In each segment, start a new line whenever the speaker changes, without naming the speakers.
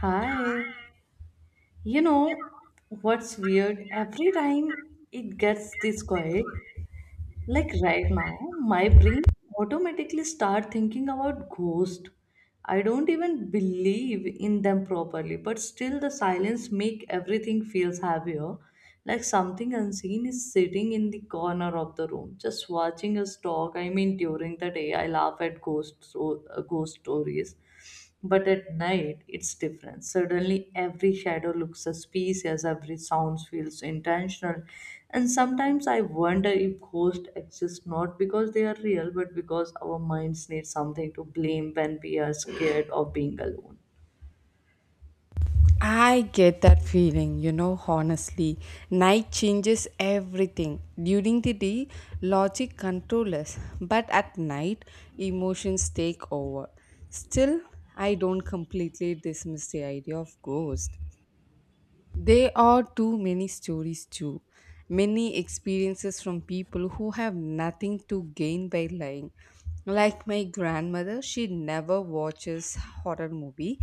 Hi. You know what's weird? Every time it gets this quiet, like right now, my brain automatically start thinking about ghost. I don't even believe in them properly, but still the silence make everything feels heavier, like something unseen is sitting in the corner of the room just watching us talk. I mean, during the day I laugh at ghost stories, but at night it's different. Suddenly every shadow looks suspicious, every sound feels intentional. And sometimes I wonder if ghosts exist not because they are real but because our minds need something to blame when we are scared of being alone.
I get that feeling, you know, honestly. Night changes everything. During the day, logic controls us, but at night, emotions take over. Still, I don't completely dismiss the idea of ghost. There are too many stories, too. Many experiences from people who have nothing to gain by lying. Like my grandmother, she never watches horror movie,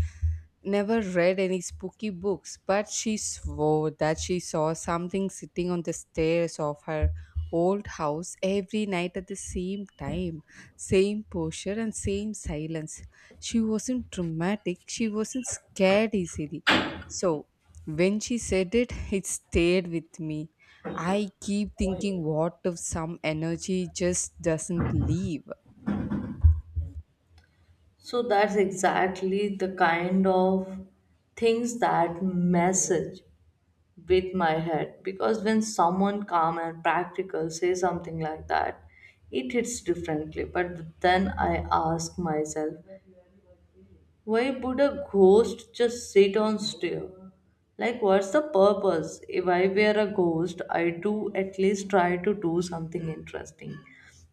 never read any spooky books, but she swore that she saw something sitting on the stairs of her old house every night at the same time, same posture and same silence. She wasn't dramatic, she wasn't scared easily. So when she said it, it stayed with me. I keep thinking, what if some energy just doesn't leave?
So that's exactly the kind of things that message with my head, because when someone calm and practical say something like that, it hits differently. But then I ask myself, why would a ghost just sit on stare? Like, what's the purpose? If I were a ghost, I do at least try to do something interesting,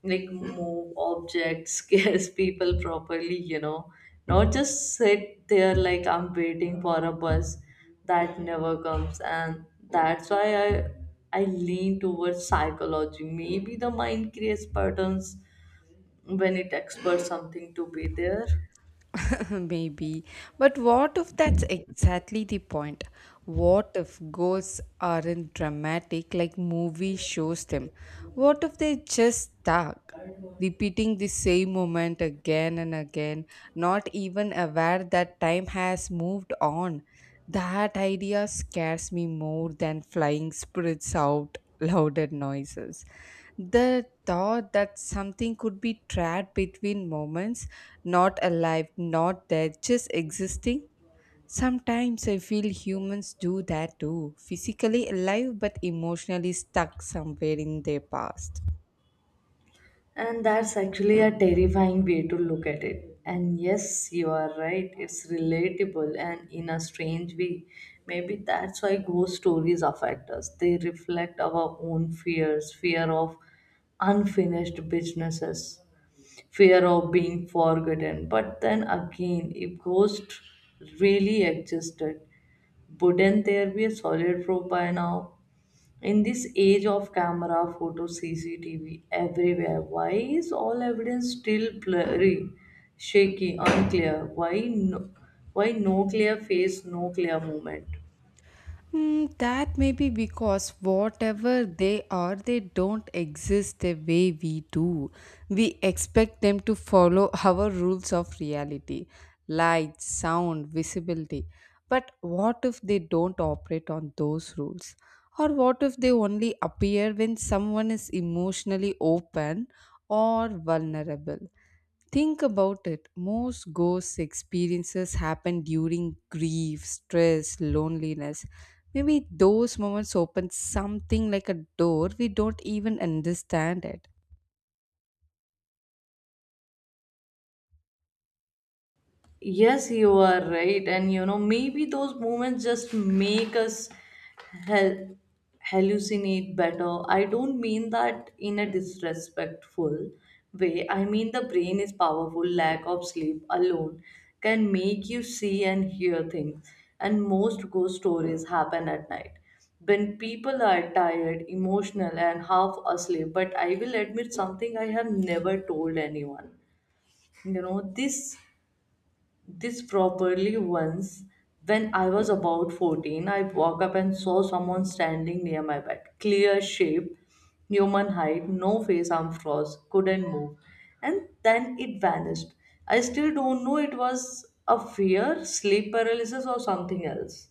like move objects, scares people properly, you know, not just sit there like I'm waiting for a bus that never comes. And that's why I lean towards psychology. Maybe the mind creates patterns when it expects something to be there.
Maybe. But what if that's exactly the point? What if ghosts aren't dramatic like movie shows them? What if they're just stuck, repeating the same moment again and again, not even aware that time has moved on? That idea scares me more than flying spirits out louder noises. The thought that something could be trapped between moments, not alive, not dead, just existing. Sometimes I feel humans do that too, physically alive but emotionally stuck somewhere in their past.
And that's actually a terrifying way to look at it. And yes, you are right, it's relatable and in a strange way. Maybe that's why ghost stories affect us. They reflect our own fears, fear of unfinished businesses, fear of being forgotten. But then again, if ghosts really existed, wouldn't there be a solid proof by now? In this age of camera photo CCTV everywhere, why is all evidence still blurry, shaky, unclear why no clear face, no clear movement?
Mm, that may be because whatever they are, they don't exist the way we do. We expect them to follow our rules of reality: light, sound, visibility. But what if they don't operate on those rules? Or what if they only appear when someone is emotionally open or vulnerable? Think about it. Most ghost experiences happen during grief, stress, loneliness. Maybe those moments open something like a door we don't even understand it.
Yes, you are right. And you know, maybe those moments just make us hel- hallucinate better. I don't mean that in a disrespectful way. I mean, the brain is powerful. Lack of sleep alone can make you see and hear things. And most ghost stories happen at night when people are tired, emotional, and half asleep. But I will admit something I have never told anyone. You know, this properly once when I was about 14, I woke up and saw someone standing near my bed. Clear shape, human height, no face, arm froze, couldn't move. And then it vanished. I still don't know it was a fear, sleep paralysis, or something else.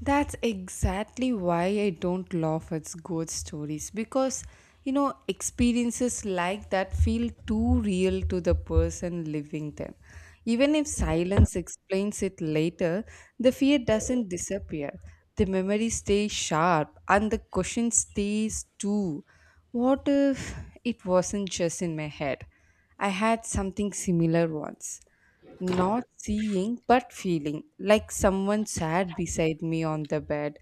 That's exactly why I don't laugh at ghost stories, because you know experiences like that feel too real to the person living them. Even if silence explains it later, the fear doesn't disappear. The memory stays sharp and the question stays too. What if it wasn't just in my head? I had something similar once, not seeing but feeling like someone sat beside me on the bed.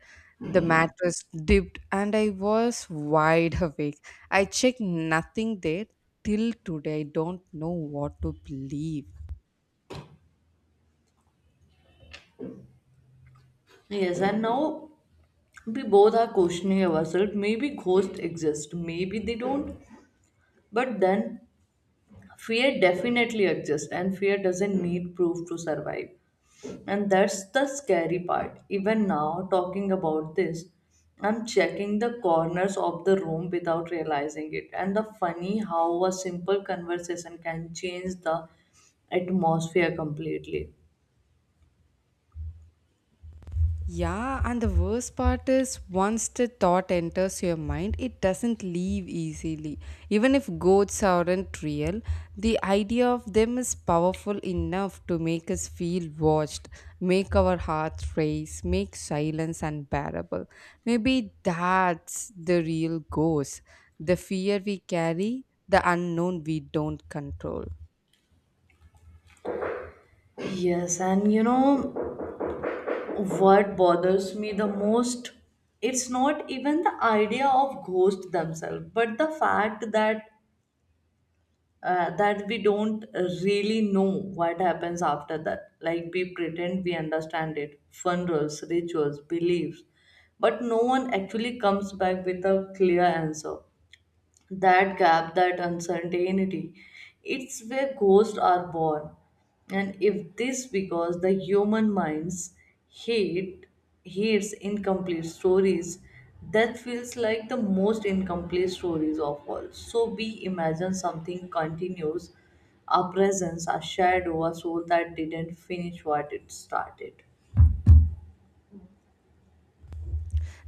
The mattress dipped and I was wide awake. I checked, nothing there. Till today I don't know what to believe.
Yes, and now we both are questioning ourselves. Maybe ghosts exist, maybe they don't. But then fear definitely exists, and fear doesn't need proof to survive. And that's the scary part. Even now, talking about this, I'm checking the corners of the room without realizing it. And the funny how a simple conversation can change the atmosphere completely.
Yeah, and the worst part is once the thought enters your mind, it doesn't leave easily. Even if goats aren't real, the idea of them is powerful enough to make us feel watched, make our hearts race, make silence unbearable. Maybe that's the real ghost, the fear we carry, the unknown we don't control.
Yes, and you know what bothers me the most? It's not even the idea of ghosts themselves, but the fact that that we don't really know what happens after that. Like we pretend we understand it, funerals, rituals, beliefs, but no one actually comes back with a clear answer. That gap, that uncertainty, it's where ghosts are born. And if this because the human minds hate hates incomplete stories, that feels like the most incomplete stories of all. So we imagine something continues, a presence, a shadow, a soul that didn't finish what it started.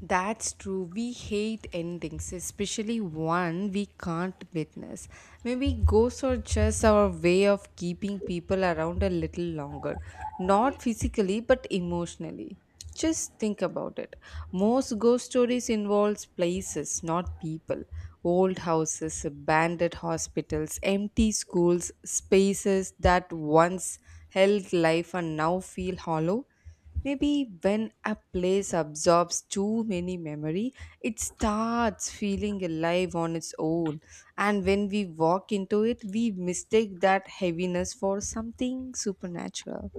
That's true. We hate endings, especially one we can't witness. Maybe ghosts are just our way of keeping people around a little longer, not physically but emotionally. Just think about it. Most ghost stories involves places, not people. Old houses, abandoned hospitals, empty schools, spaces that once held life and now feel hollow. Maybe when a place absorbs too many memory, it starts feeling alive on its own. And when we walk into it, we mistake that heaviness for something supernatural.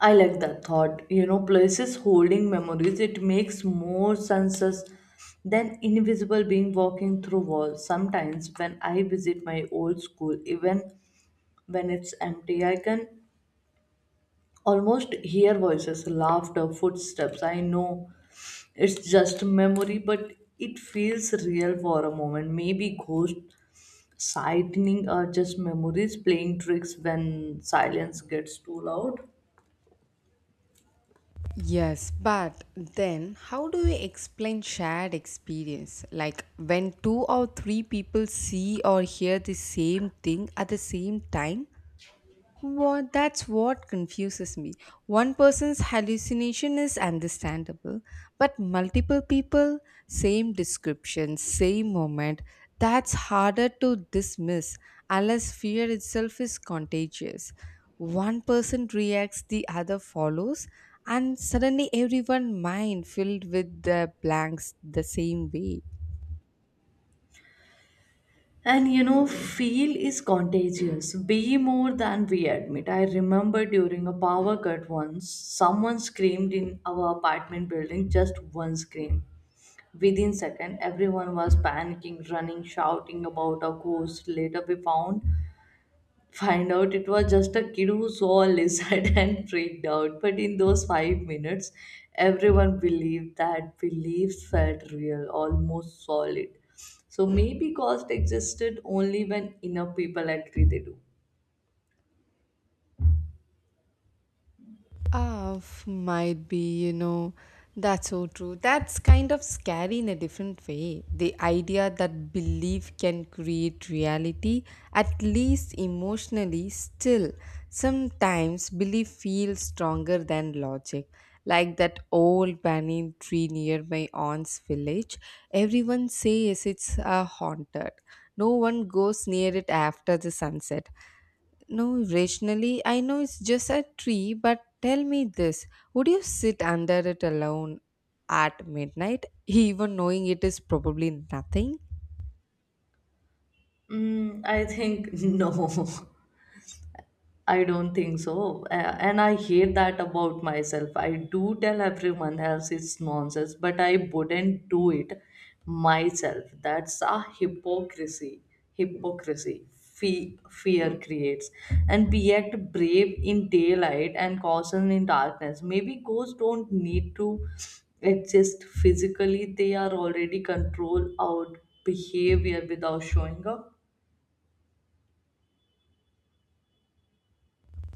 I like that thought. You know, places holding memories, it makes more senses than invisible being walking through walls. Sometimes when I visit my old school, even when it's empty, I can almost hear voices, laughter, footsteps. I know it's just memory, but it feels real for a moment. Maybe ghost sighting are just memories playing tricks when silence gets too loud.
Yes, but then how do we explain shared experience? Like when two or three people see or hear the same thing at the same time, what, that's what confuses me. One person's hallucination is understandable, but multiple people, same description, same moment, that's harder to dismiss unless fear itself is contagious. One person reacts, the other follows, and suddenly everyone mind filled with the blanks the same way.
And you know, feel is contagious. Be more than we admit. I remember during a power cut once, someone screamed in our apartment building, just one scream. Within second, everyone was panicking, running, shouting about a ghost. Later we found. Find out it was just a kid who saw a lizard and freaked out. But in those 5 minutes, everyone believed that beliefs felt real, almost solid. So maybe ghosts existed only when enough people agree they do.
Ah, might be, you know, that's so true. That's kind of scary in a different way. The idea that belief can create reality, at least emotionally, still. Sometimes belief feels stronger than logic. Like that old banyan tree near my aunt's village, everyone says it's haunted. No one goes near it after the sunset. No, rationally, I know it's just a tree, but tell me this, would you sit under it alone at midnight, even knowing it is probably nothing?
Mm, I think no. I don't think so. And I hate that about myself. I do tell everyone else it's nonsense, but I wouldn't do it myself. That's a hypocrisy. Hypocrisy. Fear creates. And we act brave in daylight and caution in darkness. Maybe ghosts don't need to exist physically, they are already control our behavior without showing up.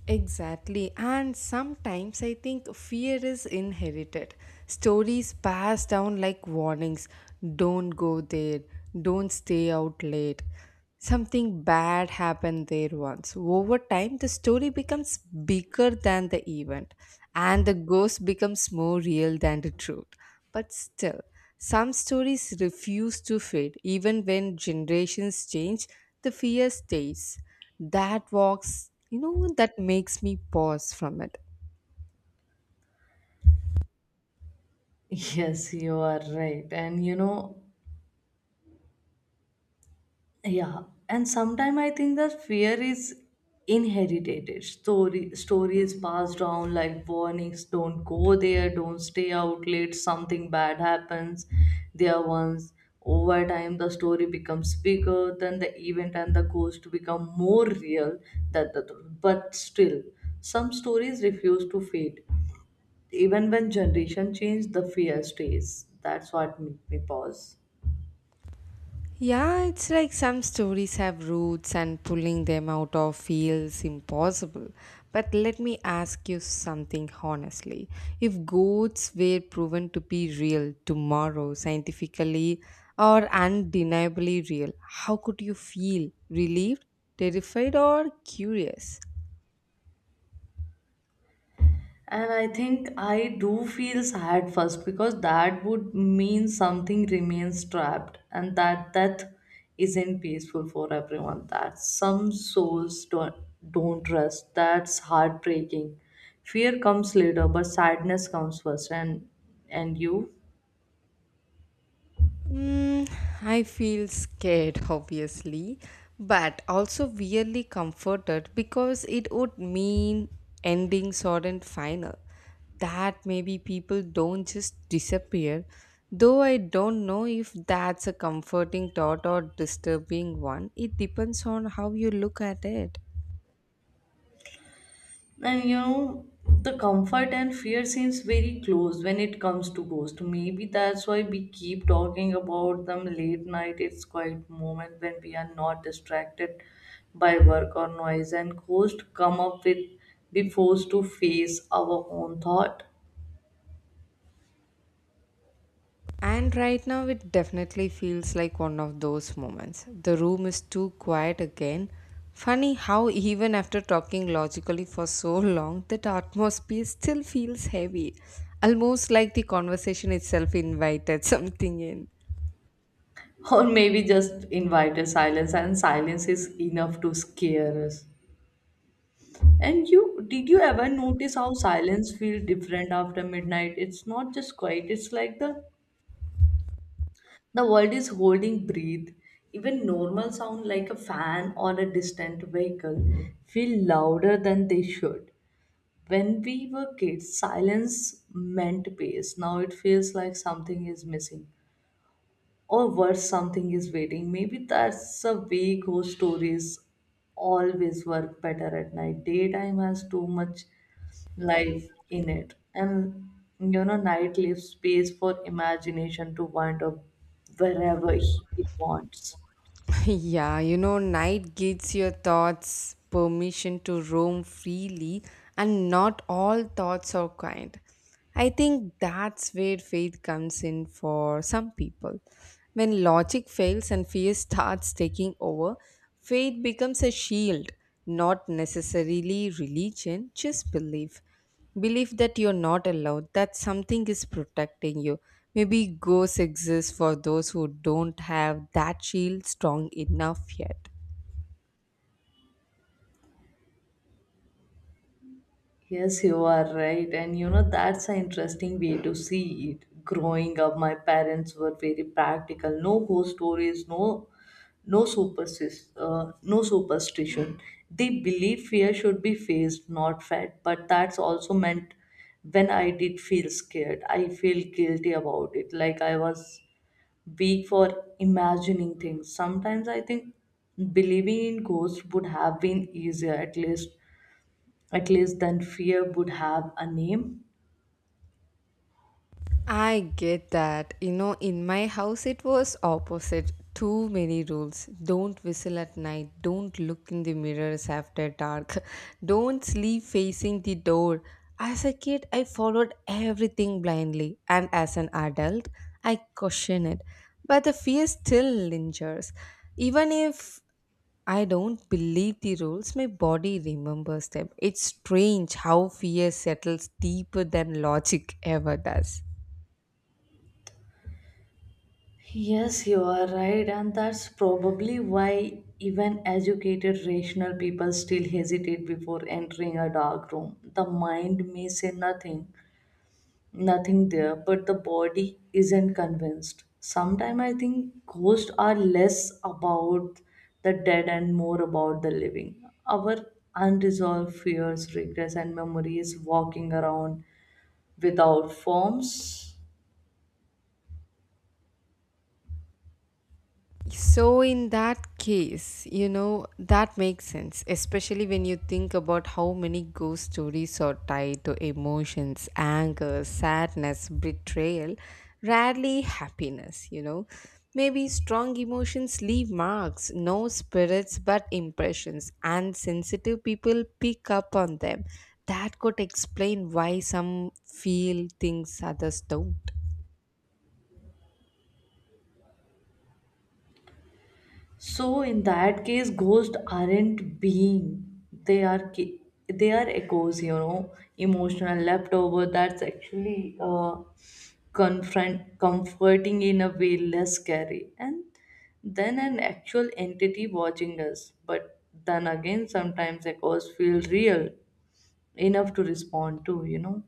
Exactly, and sometimes I think fear is inherited. Stories passed down like warnings: don't go there, don't stay out late. Something bad happened there once. Over time, the story becomes bigger than the event, and the ghost becomes more real than the truth. But still, some stories refuse to fade, even when generations change, the fear stays. That walks, you know, that makes me pause from it.
Yes, you are right. Yeah, and sometimes I think that fear is inherited. Story stories passed down like warnings: don't go there, don't stay out late, something bad happens. There once, over time, the story becomes bigger than the event and the ghost become more real than the truth. But still, some stories refuse to fade. Even when generation change, the fear stays. That's what made me pause.
Yeah, it's like some stories have roots and pulling them out of feels impossible. But let me ask you something honestly. If goats were proven to be real tomorrow, scientifically or undeniably real, how could you feel? Relieved, terrified, or curious?
And I think I do feel sad first because that would mean something remains trapped and that death isn't peaceful for everyone. That some souls don't rest. That's heartbreaking. Fear comes later, but sadness comes first. And you?
Mm, I feel scared, obviously, but also weirdly comforted because it would mean ending sudden final. That maybe people don't just disappear, though I don't know if that's a comforting thought or disturbing one. It depends on how you look at it.
And you know, the comfort and fear seems very close when it comes to ghost. Maybe that's why we keep talking about them late night. It's quite moment when we are not distracted by work or noise, and ghost come up with be forced to face our own thought.
And right now, it definitely feels like one of those moments. The room is too quiet again. Funny how, even after talking logically for so long, that atmosphere still feels heavy. Almost like the conversation itself invited something in.
Or maybe just invite a silence, and silence is enough to scare us. And you did you ever notice how silence feel different after midnight? It's not just quiet, it's like the world is holding breath. Even normal sound like a fan or a distant vehicle feel louder than they should. When we were kids, silence meant peace. Now it feels like something is missing. Or worse, something is waiting. Maybe that's a way ghost stories always work better at night. Daytime has too much life in it, and you know night leaves space for imagination to wander wherever it wants.
Yeah, you know, night gives your thoughts permission to roam freely, and not all thoughts are kind. I think that's where faith comes in for some people. When logic fails and fear starts taking over, faith becomes a shield, not necessarily religion, just belief. Believe that you're not allowed, that something is protecting you. Maybe ghosts exist for those who don't have that shield strong enough yet.
Yes, you are right, and you know, that's an interesting way to see it. Growing up, my parents were very practical, no ghost stories, no no superstition no superstition. They believe fear should be faced not fed, but that's also meant when I did feel scared I feel guilty about it, like I was weak for imagining things. Sometimes I think believing in ghosts would have been easier, at least then fear would have a name.
I get that. You know, in my house it was opposite. Too many rules. Don't whistle at night. Don't look in the mirrors after dark. Don't sleep facing the door. As a kid, I followed everything blindly, and as an adult, I question it. But the fear still lingers. Even if I don't believe the rules, my body remembers them. It's strange how fear settles deeper than logic ever does.
Yes, you are right, and that's probably why even educated, rational people still hesitate before entering a dark room. The mind may say nothing there, but the body isn't convinced. Sometimes I think ghosts are less about the dead and more about the living. Our unresolved fears, regrets, and memories walking around without forms.
So, in that case, you know, that makes sense, especially when you think about how many ghost stories are tied to emotions, anger, sadness, betrayal, rarely happiness, you know. Maybe strong emotions leave marks, no spirits but impressions, and sensitive people pick up on them. That could explain why some feel things others don't.
So in that case, ghosts aren't being; they are they are echoes, you know, emotional leftover. That's actually confront comforting in a way, less scary, and then an actual entity watching us. But then again, sometimes echoes feel real enough to respond to, you know.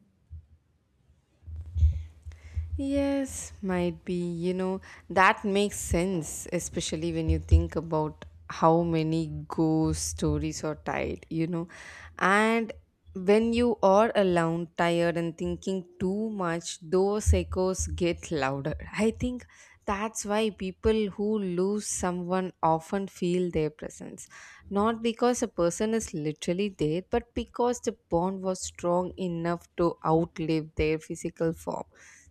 Yes, might be. You know, that makes sense, especially when you think about how many ghost stories are tied, you know. And when you are alone, tired, and thinking too much, those echoes get louder. I think that's why people who lose someone often feel their presence. Not because a person is literally dead, but because the bond was strong enough to outlive their physical form.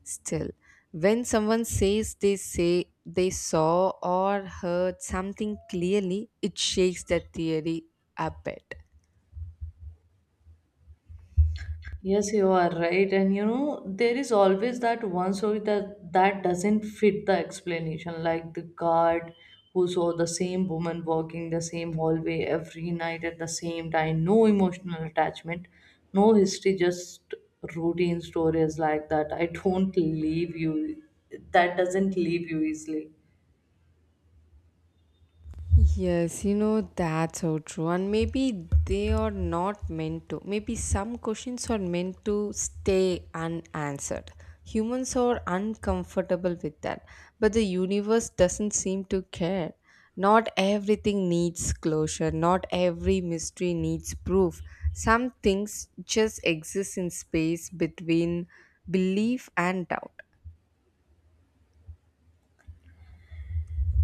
Still, when someone say they saw or heard something clearly, it shakes that theory a bit.
Yes, you are right. And you know, there is always that one story that doesn't fit the explanation, like the guard who saw the same woman walking the same hallway every night at the same time. No emotional attachment, no history, just routine stories like that. I don't leave you, that doesn't leave you easily.
Yes, you know, that's so true. And maybe they are not meant to. Maybe some questions are meant to stay unanswered. Humans are uncomfortable with that. But the universe doesn't seem to care. Not everything needs closure. Not every mystery needs proof. Some things just exist in space between belief and doubt.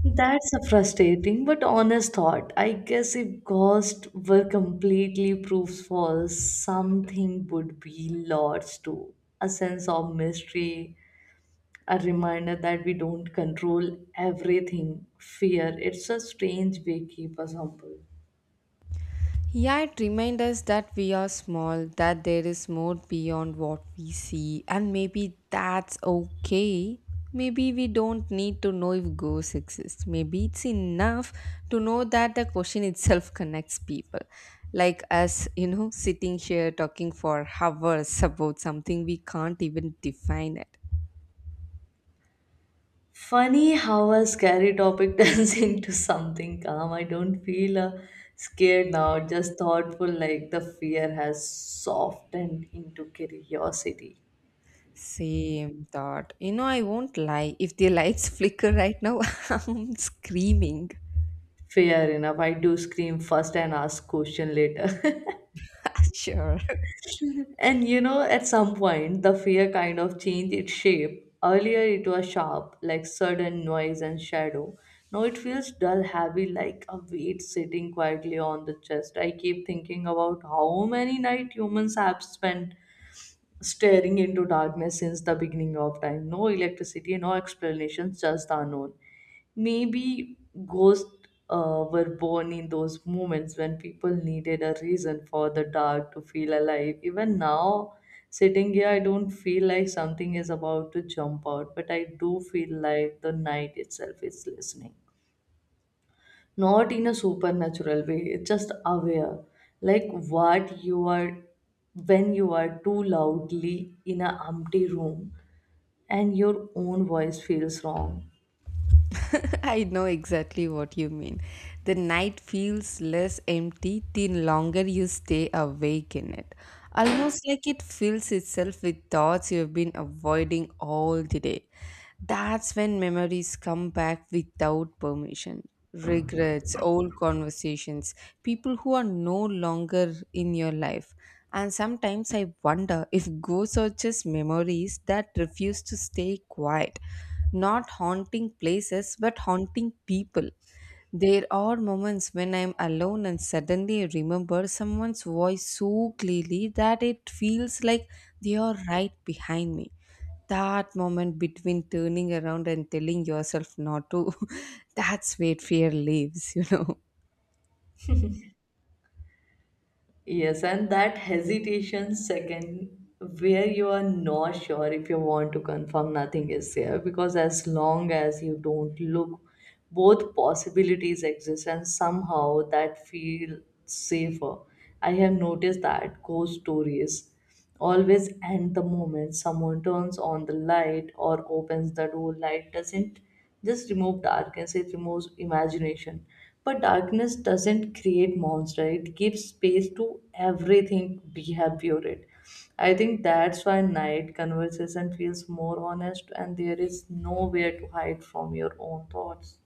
That's a frustrating but honest thought. I guess if ghosts were completely proof false, something would be lost too, a sense of mystery, a reminder that we don't control everything. Fear. It's a strange gatekeeper humble.
Yeah, it reminds us that we are small, that there is more beyond what we see, and maybe that's okay. Maybe we don't need to know if ghosts exist. Maybe it's enough to know that the question itself connects people. Like us, you know, sitting here talking for hours about something we can't even define it.
Funny how a scary topic turns into something calm. I don't feel scared now, just thoughtful, like the fear has softened into curiosity.
Same thought. You know, I won't lie. If the lights flicker right now, I'm screaming.
Fair enough. I do scream first and ask question later.
Sure.
And you know, at some point, the fear kind of changed its shape. Earlier, it was sharp, like sudden noise and shadow. Now it feels dull, heavy, like a weight sitting quietly on the chest. I keep thinking about how many nights humans have spent staring into darkness since the beginning of time. No electricity, no explanations, just the unknown. Maybe ghosts were born in those moments when people needed a reason for the dark to feel alive. Even now, sitting here, I don't feel like something is about to jump out, but I do feel like the night itself is listening, not in a supernatural way, it's just aware, like what you are when you are too loudly in a empty room and your own voice feels wrong.
I know exactly what you mean. The night feels less empty the longer you stay awake in it. Almost like it fills itself with thoughts you have been avoiding all the day. That's when memories come back without permission. Regrets, old conversations, people who are no longer in your life. And sometimes I wonder if ghosts are just memories that refuse to stay quiet, not haunting places but haunting people. There are moments when I'm alone and suddenly I remember someone's voice so clearly that it feels like they are right behind me. That moment between turning around and telling yourself not to, that's where fear lives, you know.
Yes, and that hesitation second where you are not sure if you want to confirm nothing is there, because as long as you don't look, both possibilities exist and somehow that feels safer. I have noticed that ghost stories always end the moment someone turns on the light or opens the door. Light doesn't just remove darkness, it removes imagination. But darkness doesn't create monster, it gives space to everything we have viewed it. I think that's why night conversation feels more honest and there is nowhere to hide from your own thoughts.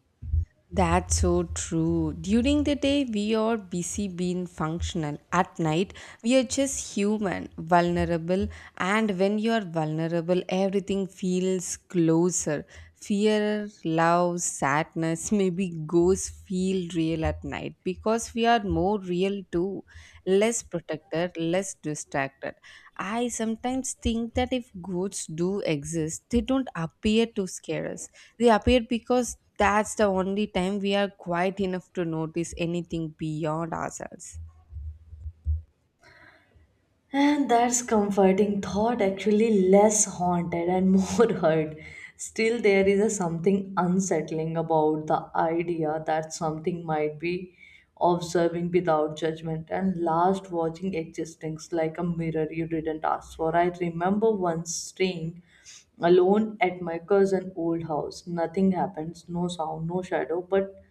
That's so true. During the day, we are busy being functional. At night, we are just human, vulnerable. And when you are vulnerable, everything feels closer. Fear, love, sadness, maybe ghosts feel real at night because we are more real too, less protected, less distracted. I sometimes think that if ghosts do exist, they don't appear to scare us, they appear because that's the only time we are quiet enough to notice anything beyond ourselves.
And that's comforting thought, actually, less haunted and more hurt. Still, there is a something unsettling about the idea that something might be observing without judgment and last watching existence like a mirror you didn't ask for. I remember once staying alone at my cousin old house. Nothing happens, no sound, no shadow, but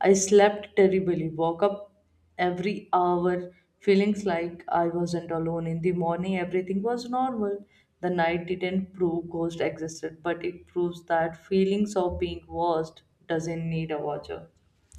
I slept terribly, woke up every hour feeling like I wasn't alone. In the morning, everything was normal. The night didn't prove ghost existed, but it proves that feelings of being watched doesn't need a watcher.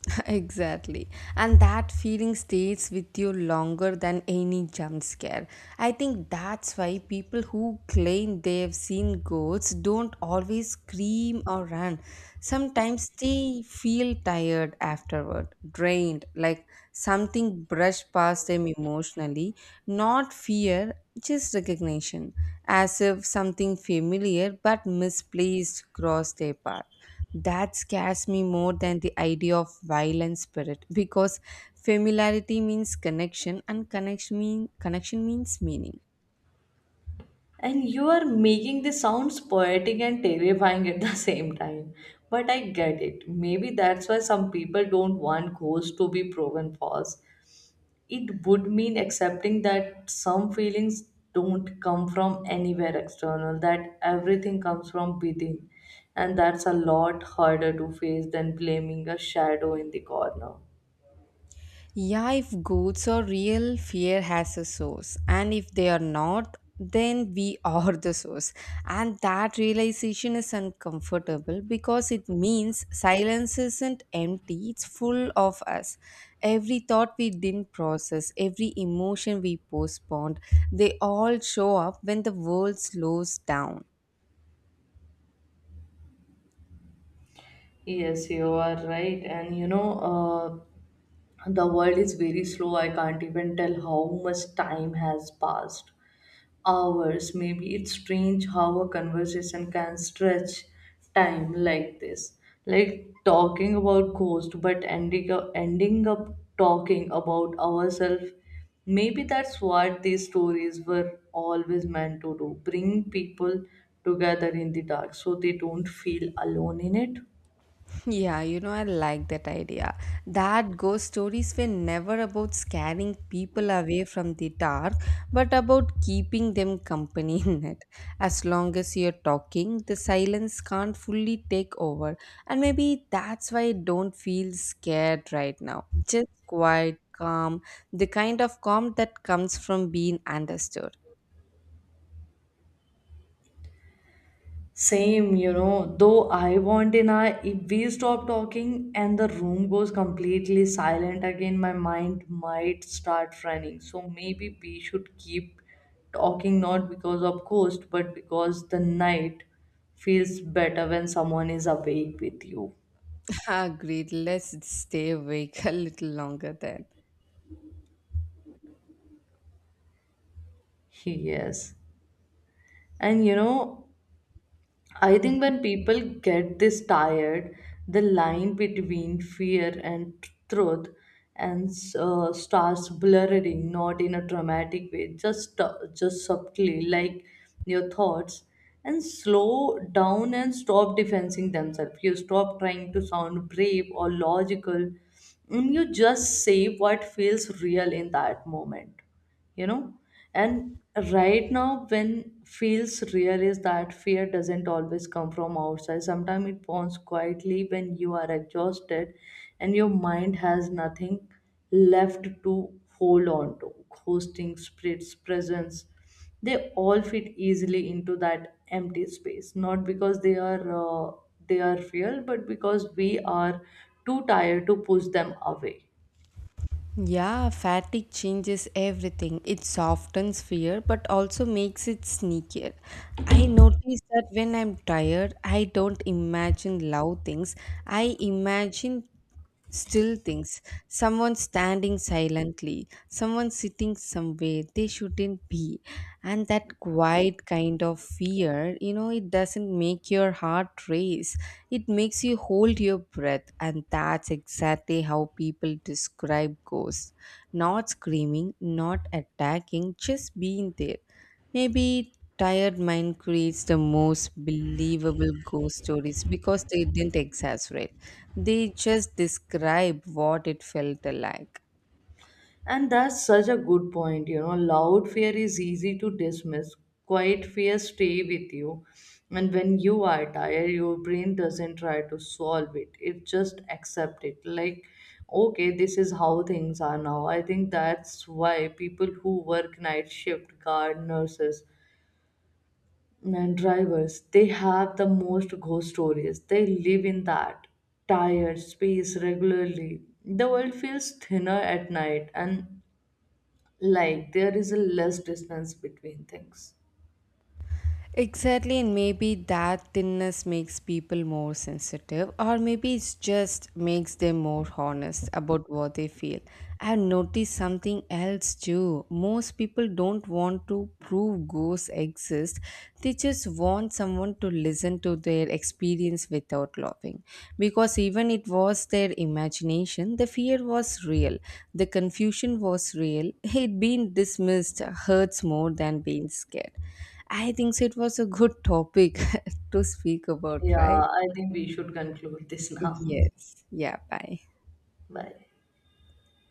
Exactly. And that feeling stays with you longer than any jump scare. I think that's why people who claim they've seen ghosts don't always scream or run. Sometimes they feel tired afterward, drained, like something brushed past them emotionally, not fear, just recognition, as if something familiar but misplaced crossed their path. That scares me more than the idea of violent spirit because familiarity means connection and connection means meaning.
And you are making this sounds poetic and terrifying at the same time. But I get it. Maybe that's why some people don't want ghosts to be proven false. It would mean accepting that some feelings don't come from anywhere external, that everything comes from within. And that's a lot harder to face than blaming a shadow in the corner.
Yeah, if goods are real, fear has a source. And if they are not, then we are the source. And that realization is uncomfortable because it means silence isn't empty, it's full of us. Every thought we didn't process, every emotion we postponed, they all show up when the world slows down.
Yes, you are right. And you know, the world is very slow. I can't even tell how much time has passed. Hours. Maybe it's strange how a conversation can stretch time like this. Like talking about ghost, but ending up talking about ourselves. Maybe that's what these stories were always meant to do, bring people together in the dark so they don't feel alone in it.
Yeah, you know, I like that idea. That ghost stories were never about scaring people away from the dark, but about keeping them company in it. As long as you're talking, the silence can't fully take over. And maybe that's why I don't feel scared right now. Just quiet, calm, the kind of calm that comes from being understood.
Same, you know, though I want in I if we stop talking and the room goes completely silent again, my mind might start running. So maybe we should keep talking, not because of ghost, but because the night feels better when someone is awake with you.
Agreed, let's stay awake a little longer then.
Yes. And you know, I think when people get this tired, the line between fear and truth and starts blurring, not in a dramatic way, just subtly, like your thoughts, and slow down and stop defending themselves. You stop trying to sound brave or logical, and you just say what feels real in that moment, you know, and right now when feels real is that fear doesn't always come from outside, sometimes it spawns quietly when you are exhausted and your mind has nothing left to hold on to hosting spirits presence. They all fit easily into that empty space, not because they are real, but because we are too tired to push them away.
Yeah, fatigue changes everything. It softens fear but also makes it sneakier. I notice that when I'm tired, I don't imagine loud things. I imagine still things. Someone standing silently, someone sitting somewhere they shouldn't be. And that quiet kind of fear, you know, it doesn't make your heart race. It makes you hold your breath. And that's exactly how people describe ghosts. Not screaming, not attacking, just being there. Maybe tired mind creates the most believable ghost stories because they didn't exaggerate, they just describe what it felt like.
And that's such a good point. You know, loud fear is easy to dismiss. Quiet fear stay with you. And when you are tired, your brain doesn't try to solve it. It just accept it. Like, okay, this is how things are now. I think that's why people who work night shift, guard, nurses, and drivers, they have the most ghost stories. They live in that tired space regularly. The world feels thinner at night and, like, there is a less distance between things.
Exactly, and maybe that thinness makes people more sensitive, or maybe it's just makes them more honest about what they feel. I've noticed something else too. Most people don't want to prove ghosts exist, they just want someone to listen to their experience without laughing. Because even it was their imagination, the fear was real, the confusion was real, it being dismissed hurts more than being scared. I think so. It was a good topic to speak about,
Yeah,
right?
I think we should conclude this now.
Yes. Yeah, bye.
Bye.